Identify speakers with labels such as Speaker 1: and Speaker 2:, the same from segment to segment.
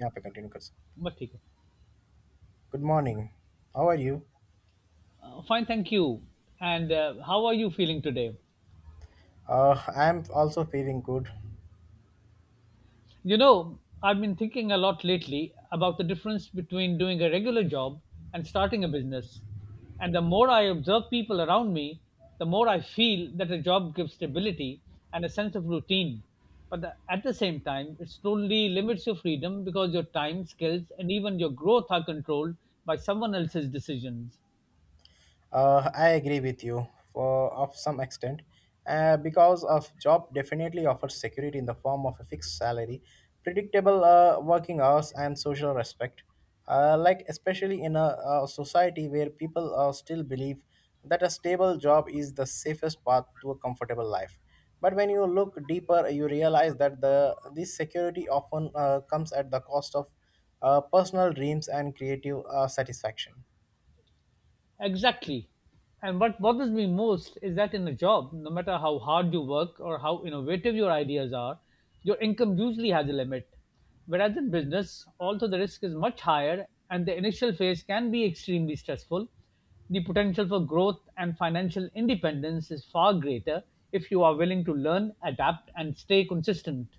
Speaker 1: Yeah, we continue. Good
Speaker 2: But ठीक है.
Speaker 1: good morning. How are you?
Speaker 2: Fine, thank you. And how are you feeling today?
Speaker 1: I'm also feeling good.
Speaker 2: You know, I've been thinking a lot lately about the difference between doing a regular job and starting a business. And the more I observe people around me, the more I feel that a job gives stability and a sense of routine. But at the same time, it slowly limits your freedom because your time, skills, and even your growth are controlled by someone else's decisions.
Speaker 1: I agree with you for of some extent, because of job definitely offers security in the form of a fixed salary, predictable working hours, and social respect. Like especially in a society where people still believe that a stable job is the safest path to a comfortable life. But when you look deeper, you realize that the this security often comes at the cost of personal dreams and creative satisfaction.
Speaker 2: Exactly. And what bothers me most is that in a job, no matter how hard you work or how innovative your ideas are, your income usually has a limit. Whereas in business, although the risk is much higher and the initial phase can be extremely stressful, the potential for growth and financial independence is far greater if you are willing to learn, adapt, and stay consistent.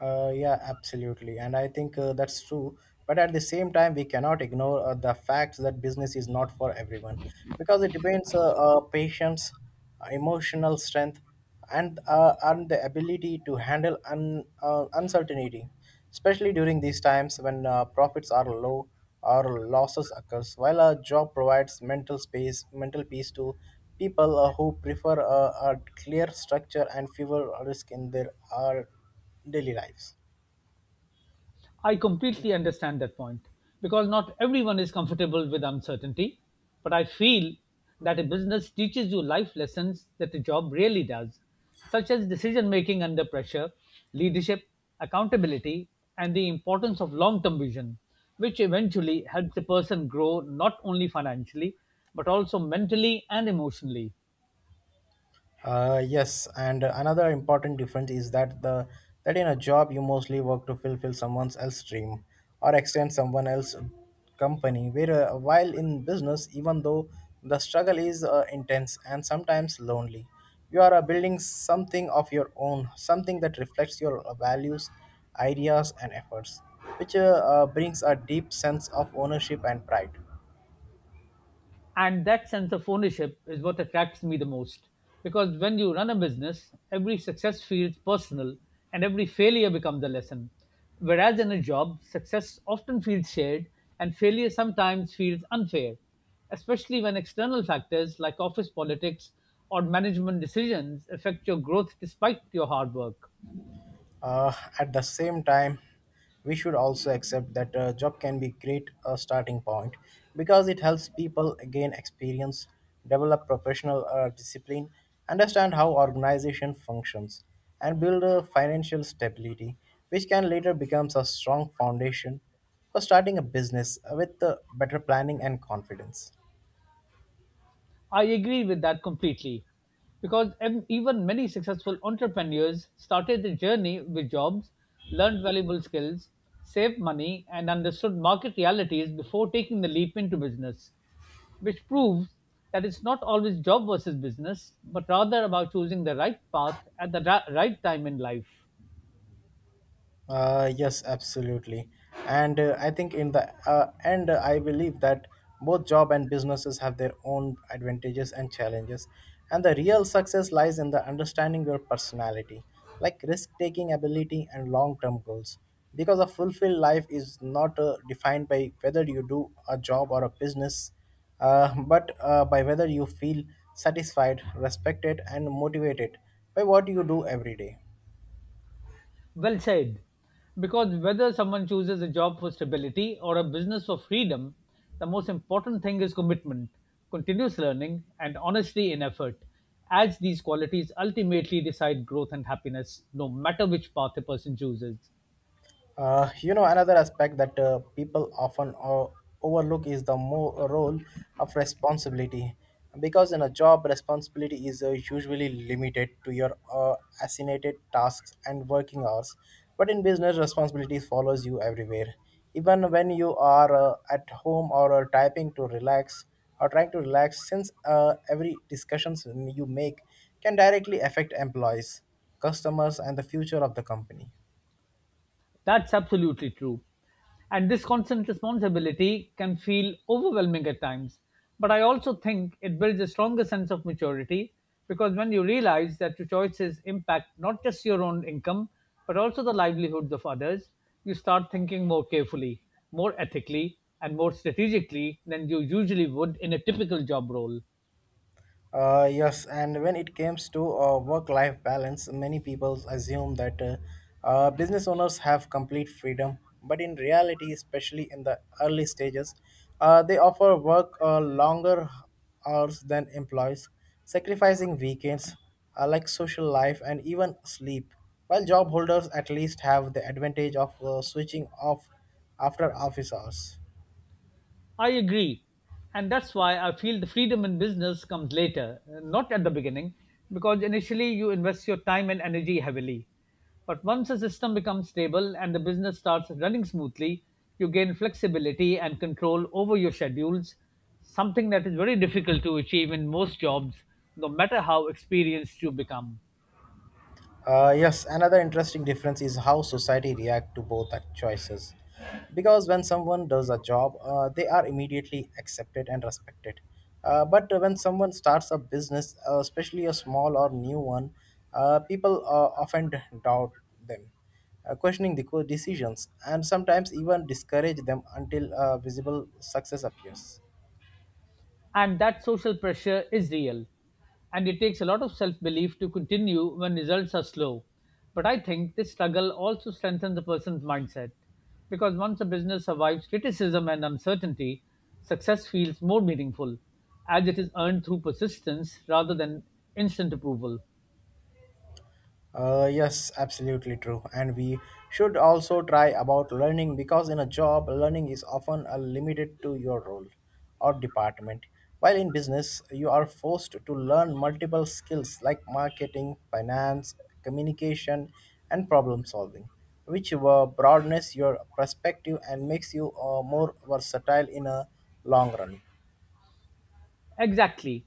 Speaker 1: Yeah, absolutely. And I think that's true. But at the same time, we cannot ignore the fact that business is not for everyone because it depends patience, emotional strength, and the ability to handle uncertainty, especially during these times when profits are low or losses occurs. While a job provides mental space, mental peace to people who prefer a clear structure and fewer risk in their art daily lives.
Speaker 2: I completely understand that point because not everyone is comfortable with uncertainty, but I feel that a business teaches you life lessons that a job really does, such as decision making under pressure, leadership, accountability, and the importance of long term vision, which eventually helps a person grow not only financially but also mentally and emotionally.
Speaker 1: Yes, and another important difference is that in a job you mostly work to fulfill someone else's dream or extend someone else's company where while in business even though the struggle is intense and sometimes lonely, you are building something of your own, something that reflects your values, ideas, and efforts, which brings a deep sense of ownership and pride.
Speaker 2: And that sense of ownership is what attracts me the most, because when you run a business every success feels personal and every failure becomes a lesson, whereas in a job success often feels shared and failure sometimes feels unfair, especially when external factors like office politics or management decisions affect your growth despite your hard work.
Speaker 1: Uh, at the same time, we should also accept that a job can be great a starting point because it helps people gain experience, develop professional discipline, understand how organization functions, and build a financial stability, which can later becomes a strong foundation for starting a business with better planning and confidence.
Speaker 2: I agree with that completely because even many successful entrepreneurs started their journey with jobs, learned valuable skills, saved money, and understood market realities before taking the leap into business, which proves that it's not always job versus business, but rather about choosing the right path at the right time in life.
Speaker 1: Yes, absolutely. And I think in the end, I believe that both job and businesses have their own advantages and challenges. And the real success lies in the understanding your personality, like risk taking ability and long term goals. Because a fulfilled life is not defined by whether you do a job or a business, but by whether you feel satisfied, respected, and motivated by what you do every day.
Speaker 2: Well said. Because whether someone chooses a job for stability or a business for freedom, the most important thing is commitment, continuous learning, and honesty in effort, as these qualities ultimately decide growth and happiness, no matter which path a person chooses.
Speaker 1: You know, another aspect that people often overlook is the more role of responsibility. Because in a job, responsibility is usually limited to your assignated tasks and working hours. But in business, responsibility follows you everywhere. Even when you are at home or typing to relax or trying to relax, since every discussions you make can directly affect employees, customers, and the future of the company.
Speaker 2: That's absolutely true. And this constant responsibility can feel overwhelming at times. But I also think it builds a stronger sense of maturity because when you realize that your choices impact not just your own income, but also the livelihoods of others, you start thinking more carefully, more ethically, and more strategically than you usually would in a typical job role.
Speaker 1: Yes, and when it comes to work-life balance, many people assume that business owners have complete freedom. But in reality, especially in the early stages, they offer work longer hours than employees, sacrificing weekends, like social life and even sleep. While job holders at least have the advantage of switching off after office hours.
Speaker 2: I agree. And that's why I feel the freedom in business comes later, not at the beginning, because initially you invest your time and energy heavily. But once the system becomes stable and the business starts running smoothly, you gain flexibility and control over your schedules, something that is very difficult to achieve in most jobs, no matter how experienced you become.
Speaker 1: Yes, another interesting difference is how society react to both choices. Because when someone does a job, they are immediately accepted and respected. But when someone starts a business, especially a small or new one, people often doubt them, questioning the decisions, and sometimes even discourage them until visible success appears.
Speaker 2: And that social pressure is real. And it takes a lot of self belief to continue when results are slow. But I think this struggle also strengthens a person's mindset because once a business survives criticism and uncertainty, success feels more meaningful as it is earned through persistence rather than instant approval.
Speaker 1: Yes, absolutely true. And we should also try about learning because in a job, learning is often limited to your role or department. While in business, you are forced to learn multiple skills like marketing, finance, communication, and problem solving, which broadens your perspective and makes you more versatile in a long run.
Speaker 2: Exactly.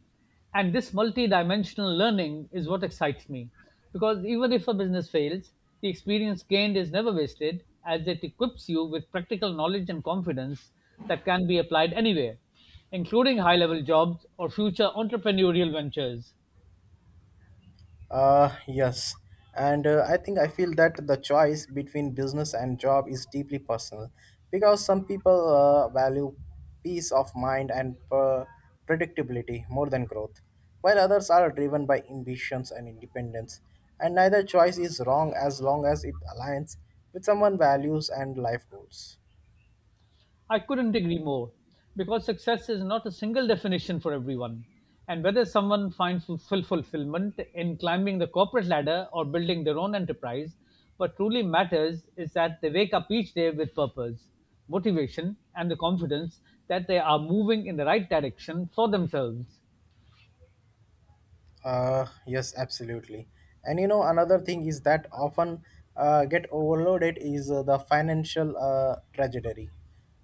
Speaker 2: And this multi-dimensional learning is what excites me because even if a business fails, the experience gained is never wasted as it equips you with practical knowledge and confidence that can be applied anywhere, including high-level jobs or future entrepreneurial ventures.
Speaker 1: Yes. And I think I feel that the choice between business and job is deeply personal because some people value peace of mind and predictability more than growth, while others are driven by ambitions and independence. And neither choice is wrong as long as it aligns with someone's values and life goals.
Speaker 2: I couldn't agree more because success is not a single definition for everyone. And whether someone finds fulfill fulfillment in climbing the corporate ladder or building their own enterprise, what truly matters is that they wake up each day with purpose, motivation, and the confidence that they are moving in the right direction for themselves.
Speaker 1: Yes, absolutely. And you know, another thing is that often get overloaded is the financial trajectory.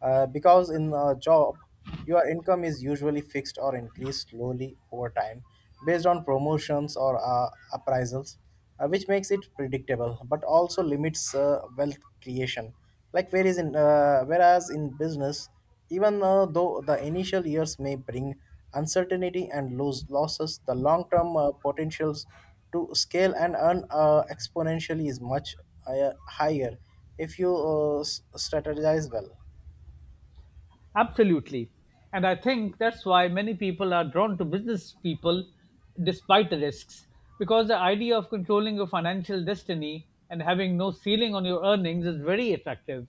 Speaker 1: Because in a job, your income is usually fixed or increased slowly over time based on promotions or appraisals, which makes it predictable but also limits wealth creation. Like, whereas in business, even though the initial years may bring uncertainty and lose losses, the long-term potentials to scale and earn exponentially is much higher if you strategize well.
Speaker 2: Absolutely. And I think that's why many people are drawn to business people despite the risks. Because the idea of controlling your financial destiny and having no ceiling on your earnings is very attractive.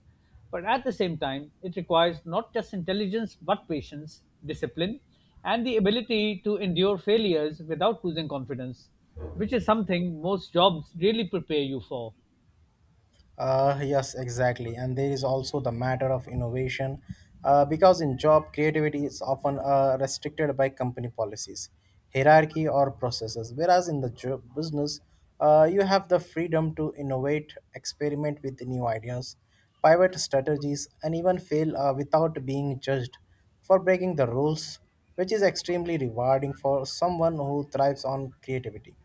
Speaker 2: But at the same time, it requires not just intelligence but patience, discipline, and the ability to endure failures without losing confidence, which is something most jobs really prepare you for.
Speaker 1: Yes, exactly. And there is also the matter of innovation, because in job, creativity is often restricted by company policies, hierarchy, or processes. Whereas in the job business, you have the freedom to innovate, experiment with new ideas, pivot strategies, and even fail without being judged for breaking the rules, which is extremely rewarding for someone who thrives on creativity.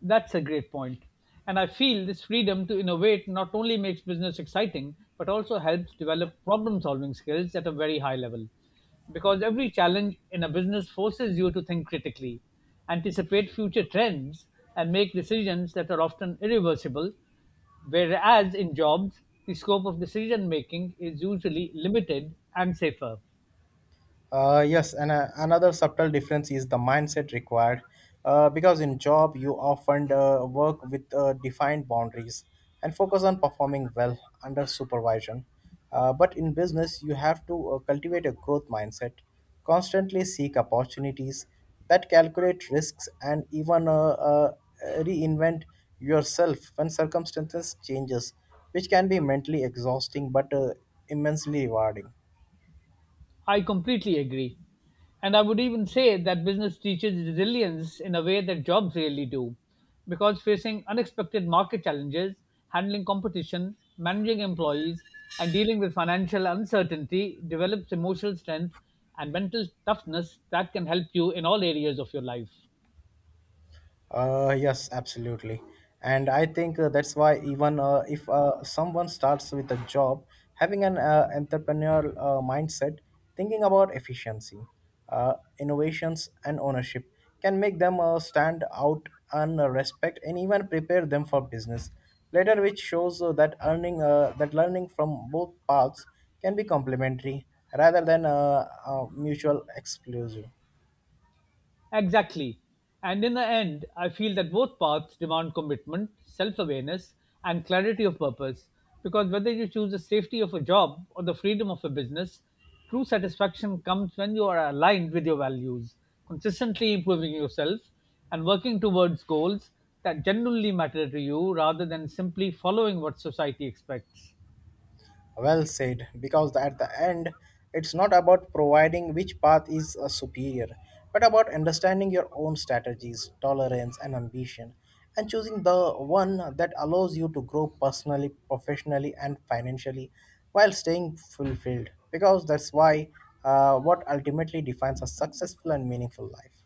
Speaker 2: That's a great point. And I feel this freedom to innovate not only makes business exciting, but also helps develop problem solving skills at a very high level. Because every challenge in a business forces you to think critically, anticipate future trends, and make decisions that are often irreversible. Whereas in jobs, the scope of decision making is usually limited and safer.
Speaker 1: Yes, and another subtle difference is the mindset required. Because in job, you often work with defined boundaries and focus on performing well under supervision. But in business, you have to cultivate a growth mindset, constantly seek opportunities that calculate risks, and even reinvent yourself when circumstances changes, which can be mentally exhausting but immensely rewarding.
Speaker 2: I completely agree. And I would even say that business teaches resilience in a way that jobs really do, because facing unexpected market challenges, handling competition, managing employees, and dealing with financial uncertainty develops emotional strength and mental toughness that can help you in all areas of your life.
Speaker 1: Yes, absolutely. And I think that's why even if someone starts with a job, having an entrepreneurial mindset, thinking about efficiency, uh, innovations, and ownership can make them stand out and respect and even prepare them for business later, which shows that learning from both paths can be complementary rather than mutual exclusive.
Speaker 2: Exactly. And in the end, I feel that both paths demand commitment, self awareness, and clarity of purpose. Because whether you choose the safety of a job or the freedom of a business, true satisfaction comes when you are aligned with your values, consistently improving yourself, and working towards goals that genuinely matter to you rather than simply following what society expects.
Speaker 1: Well said, because at the end, it's not about providing which path is superior, but about understanding your own strategies, tolerance, and ambition, and choosing the one that allows you to grow personally, professionally, and financially while staying fulfilled. Because that's why what ultimately defines a successful and meaningful life.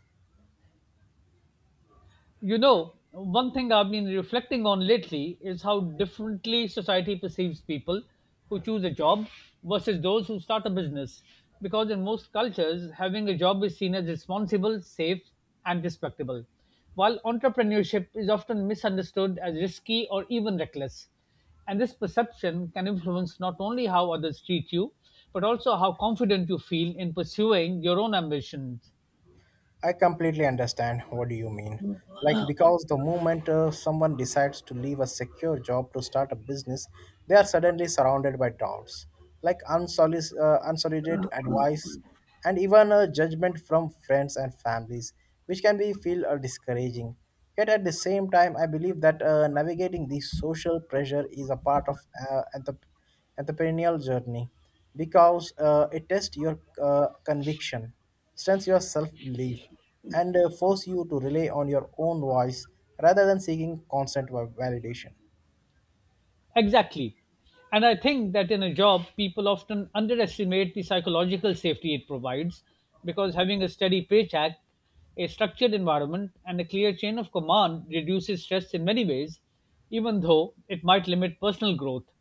Speaker 2: You know, one thing I've been reflecting on lately is how differently society perceives people who choose a job versus those who start a business. Because in most cultures, having a job is seen as responsible, safe, and respectable, while entrepreneurship is often misunderstood as risky or even reckless. And this perception can influence not only how others treat you, but also how confident you feel in pursuing your own ambitions.
Speaker 1: I completely understand what do you mean. Like because the moment someone decides to leave a secure job to start a business, they are suddenly surrounded by doubts, like unsolicited advice, and even judgment from friends and families, which can be feel discouraging. Yet at the same time, I believe that navigating this social pressure is a part of at the perennial journey because it tests your conviction, strengthens your self belief, and force you to rely on your own voice rather than seeking constant validation.
Speaker 2: Exactly. And I think that in a job, people often underestimate the psychological safety it provides because having a steady paycheck, a structured environment, and a clear chain of command reduces stress in many ways, even though it might limit personal growth.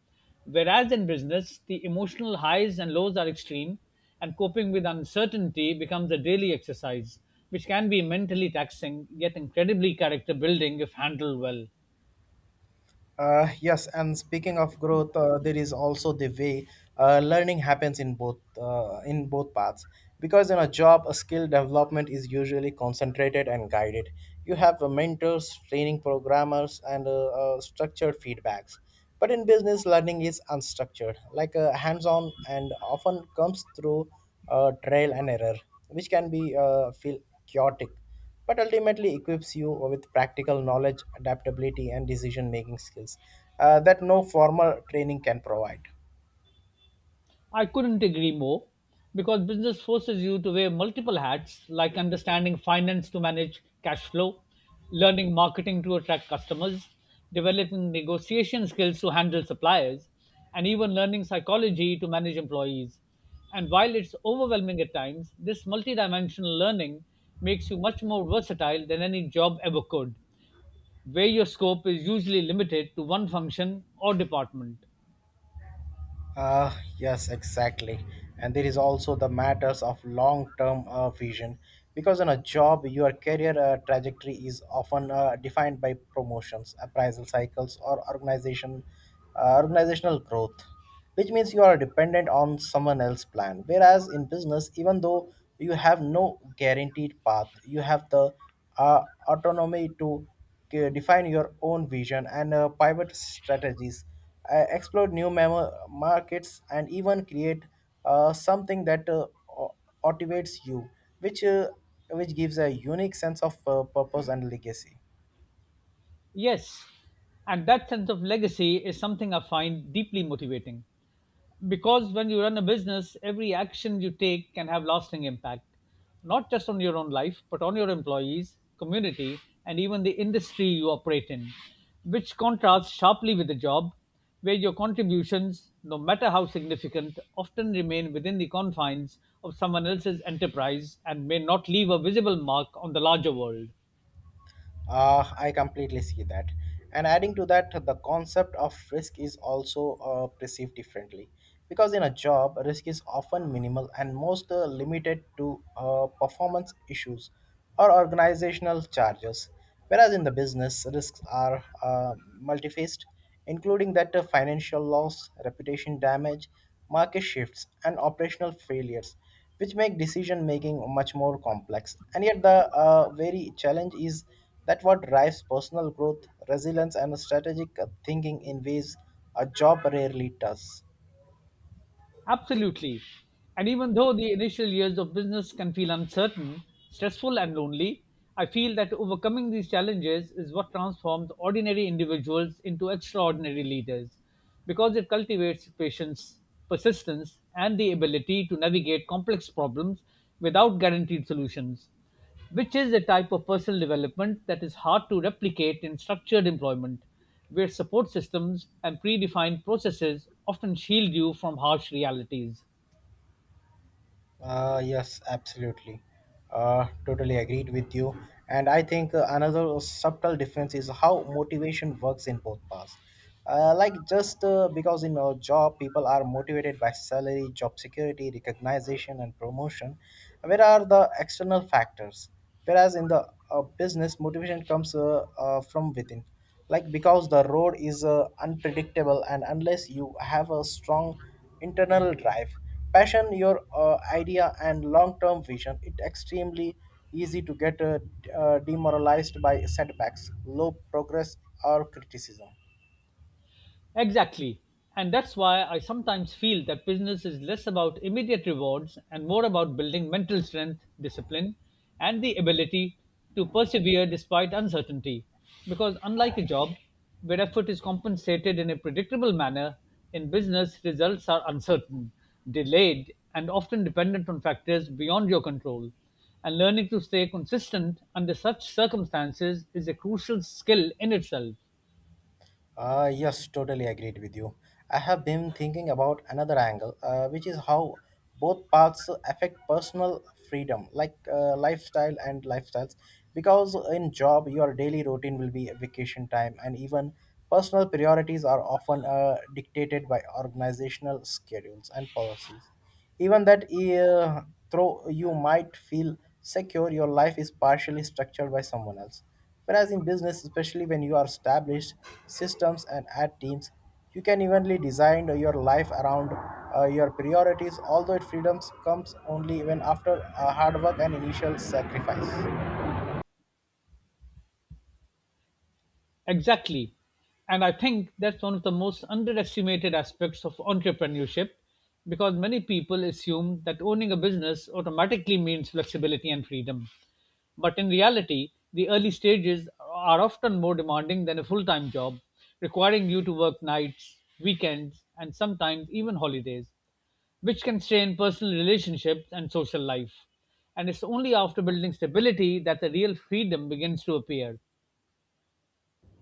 Speaker 2: Whereas in business, the emotional highs and lows are extreme, and coping with uncertainty becomes a daily exercise, which can be mentally taxing yet incredibly character building if handled well.
Speaker 1: Yes, and speaking of growth, there is also the way learning happens in both paths. Because in a job, a skill development is usually concentrated and guided. You have mentors, training programmers, and structured feedbacks. But in business, learning is unstructured, like hands-on, and often comes through trial and error, which can be feel chaotic but ultimately equips you with practical knowledge, adaptability, and decision making skills that no formal training can provide.
Speaker 2: I couldn't agree more because business forces you to wear multiple hats like understanding finance to manage cash flow, learning marketing to attract customers, developing negotiation skills to handle suppliers, and even learning psychology to manage employees. And while it's overwhelming at times, this multidimensional learning makes you much more versatile than any job ever could, where your scope is usually limited to one function or department.
Speaker 1: Yes, exactly. And there is also the matters of long term vision because in a job, your career trajectory is often defined by promotions, appraisal cycles, or organizational growth, which means you are dependent on someone else's plan. Whereas in business, even though you have no guaranteed path, you have the autonomy to define your own vision and pivot strategies, explore markets, and even create something that motivates you, which uh, which gives a unique sense of purpose and legacy.
Speaker 2: Yes, and that sense of legacy is something I find deeply motivating because when you run a business, every action you take can have lasting impact, not just on your own life, but on your employees, community, and even the industry you operate in, which contrasts sharply with the job where your contributions, no matter how significant, often remain within the confines of someone else's enterprise and may not leave a visible mark on the larger world.
Speaker 1: I completely see that. And adding to that, the concept of risk is also perceived differently. Because in a job, risk is often minimal and most limited to performance issues or organizational charges. Whereas in the business, risks are multifaced, including that financial loss, reputation damage, market shifts, and operational failures, which make decision making much more complex. And yet the very challenge is that what drives personal growth, resilience, and strategic thinking in ways a job rarely does.
Speaker 2: Absolutely. And even though the initial years of business can feel uncertain, stressful, and lonely, I feel that overcoming these challenges is what transforms ordinary individuals into extraordinary leaders because it cultivates patience, persistence, and the ability to navigate complex problems without guaranteed solutions, which is a type of personal development that is hard to replicate in structured employment, where support systems and predefined processes often shield you from harsh realities.
Speaker 1: Yes, absolutely. Totally agreed with you. And I think another subtle difference is how motivation works in both paths. Like just because in a job people are motivated by salary, job security, recognition, and promotion, where are the external factors? Whereas in the business, motivation comes from within. Like because the road is unpredictable, and unless you have a strong internal drive, passion, your idea, and long-term vision, it's extremely easy to get demoralized by setbacks, low progress, or criticism.
Speaker 2: Exactly. And that's why I sometimes feel that business is less about immediate rewards and more about building mental strength, discipline, and the ability to persevere despite uncertainty. Because unlike a job, where effort is compensated in a predictable manner, in business, results are uncertain, delayed, and often dependent on factors beyond your control. And learning to stay consistent under such circumstances is a crucial skill in itself.
Speaker 1: Yes, totally agreed with you. I have been thinking about another angle, which is how both paths affect personal freedom, like lifestyles. Because in job, your daily routine will be vacation time, and even personal priorities are often dictated by organizational schedules and policies. Even that, though you might feel secure, your life is partially structured by someone else. Whereas in business, especially when you are established systems and ad teams, you can evenly design your life around your priorities, although it freedoms comes only when after hard work and initial sacrifice.
Speaker 2: Exactly. And I think that's one of the most underestimated aspects of entrepreneurship because many people assume that owning a business automatically means flexibility and freedom. But in reality, the early stages are often more demanding than a full time job, requiring you to work nights, weekends, and sometimes even holidays, which can strain personal relationships and social life. And it's only after building stability that the real freedom begins to appear.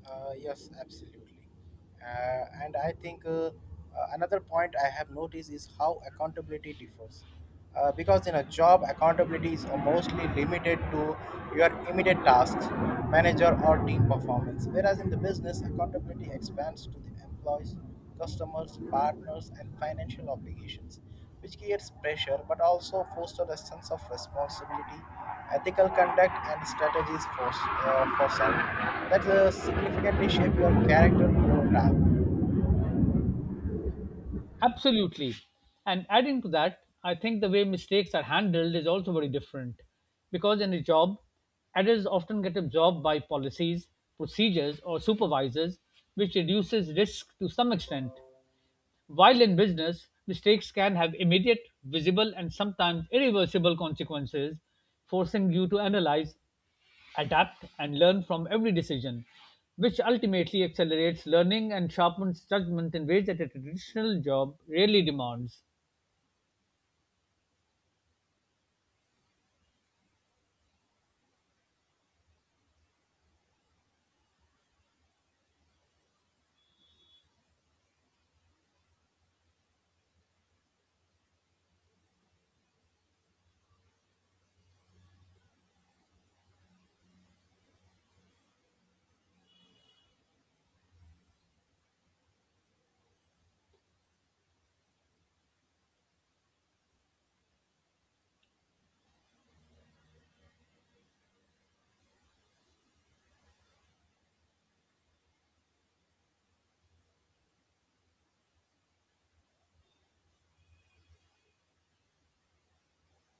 Speaker 1: Yes, absolutely. And I think another point I have noticed is how accountability differs. Because in a job, accountability is mostly limited to your immediate tasks, manager, or team performance. Whereas in the business, accountability expands to the employees, customers, partners, and financial obligations, which creates pressure but also fosters a sense of responsibility, ethical conduct, and strategies for self that significantly shape your character over time.
Speaker 2: Absolutely. And adding to that, I think the way mistakes are handled is also very different. Because in a job, errors often get absorbed by policies, procedures, or supervisors, which reduces risk to some extent. While in business, mistakes can have immediate, visible, and sometimes irreversible consequences, forcing you to analyze adapt, and learn from every decision, which ultimately accelerates learning and sharpens judgment in ways that a traditional job rarely demands.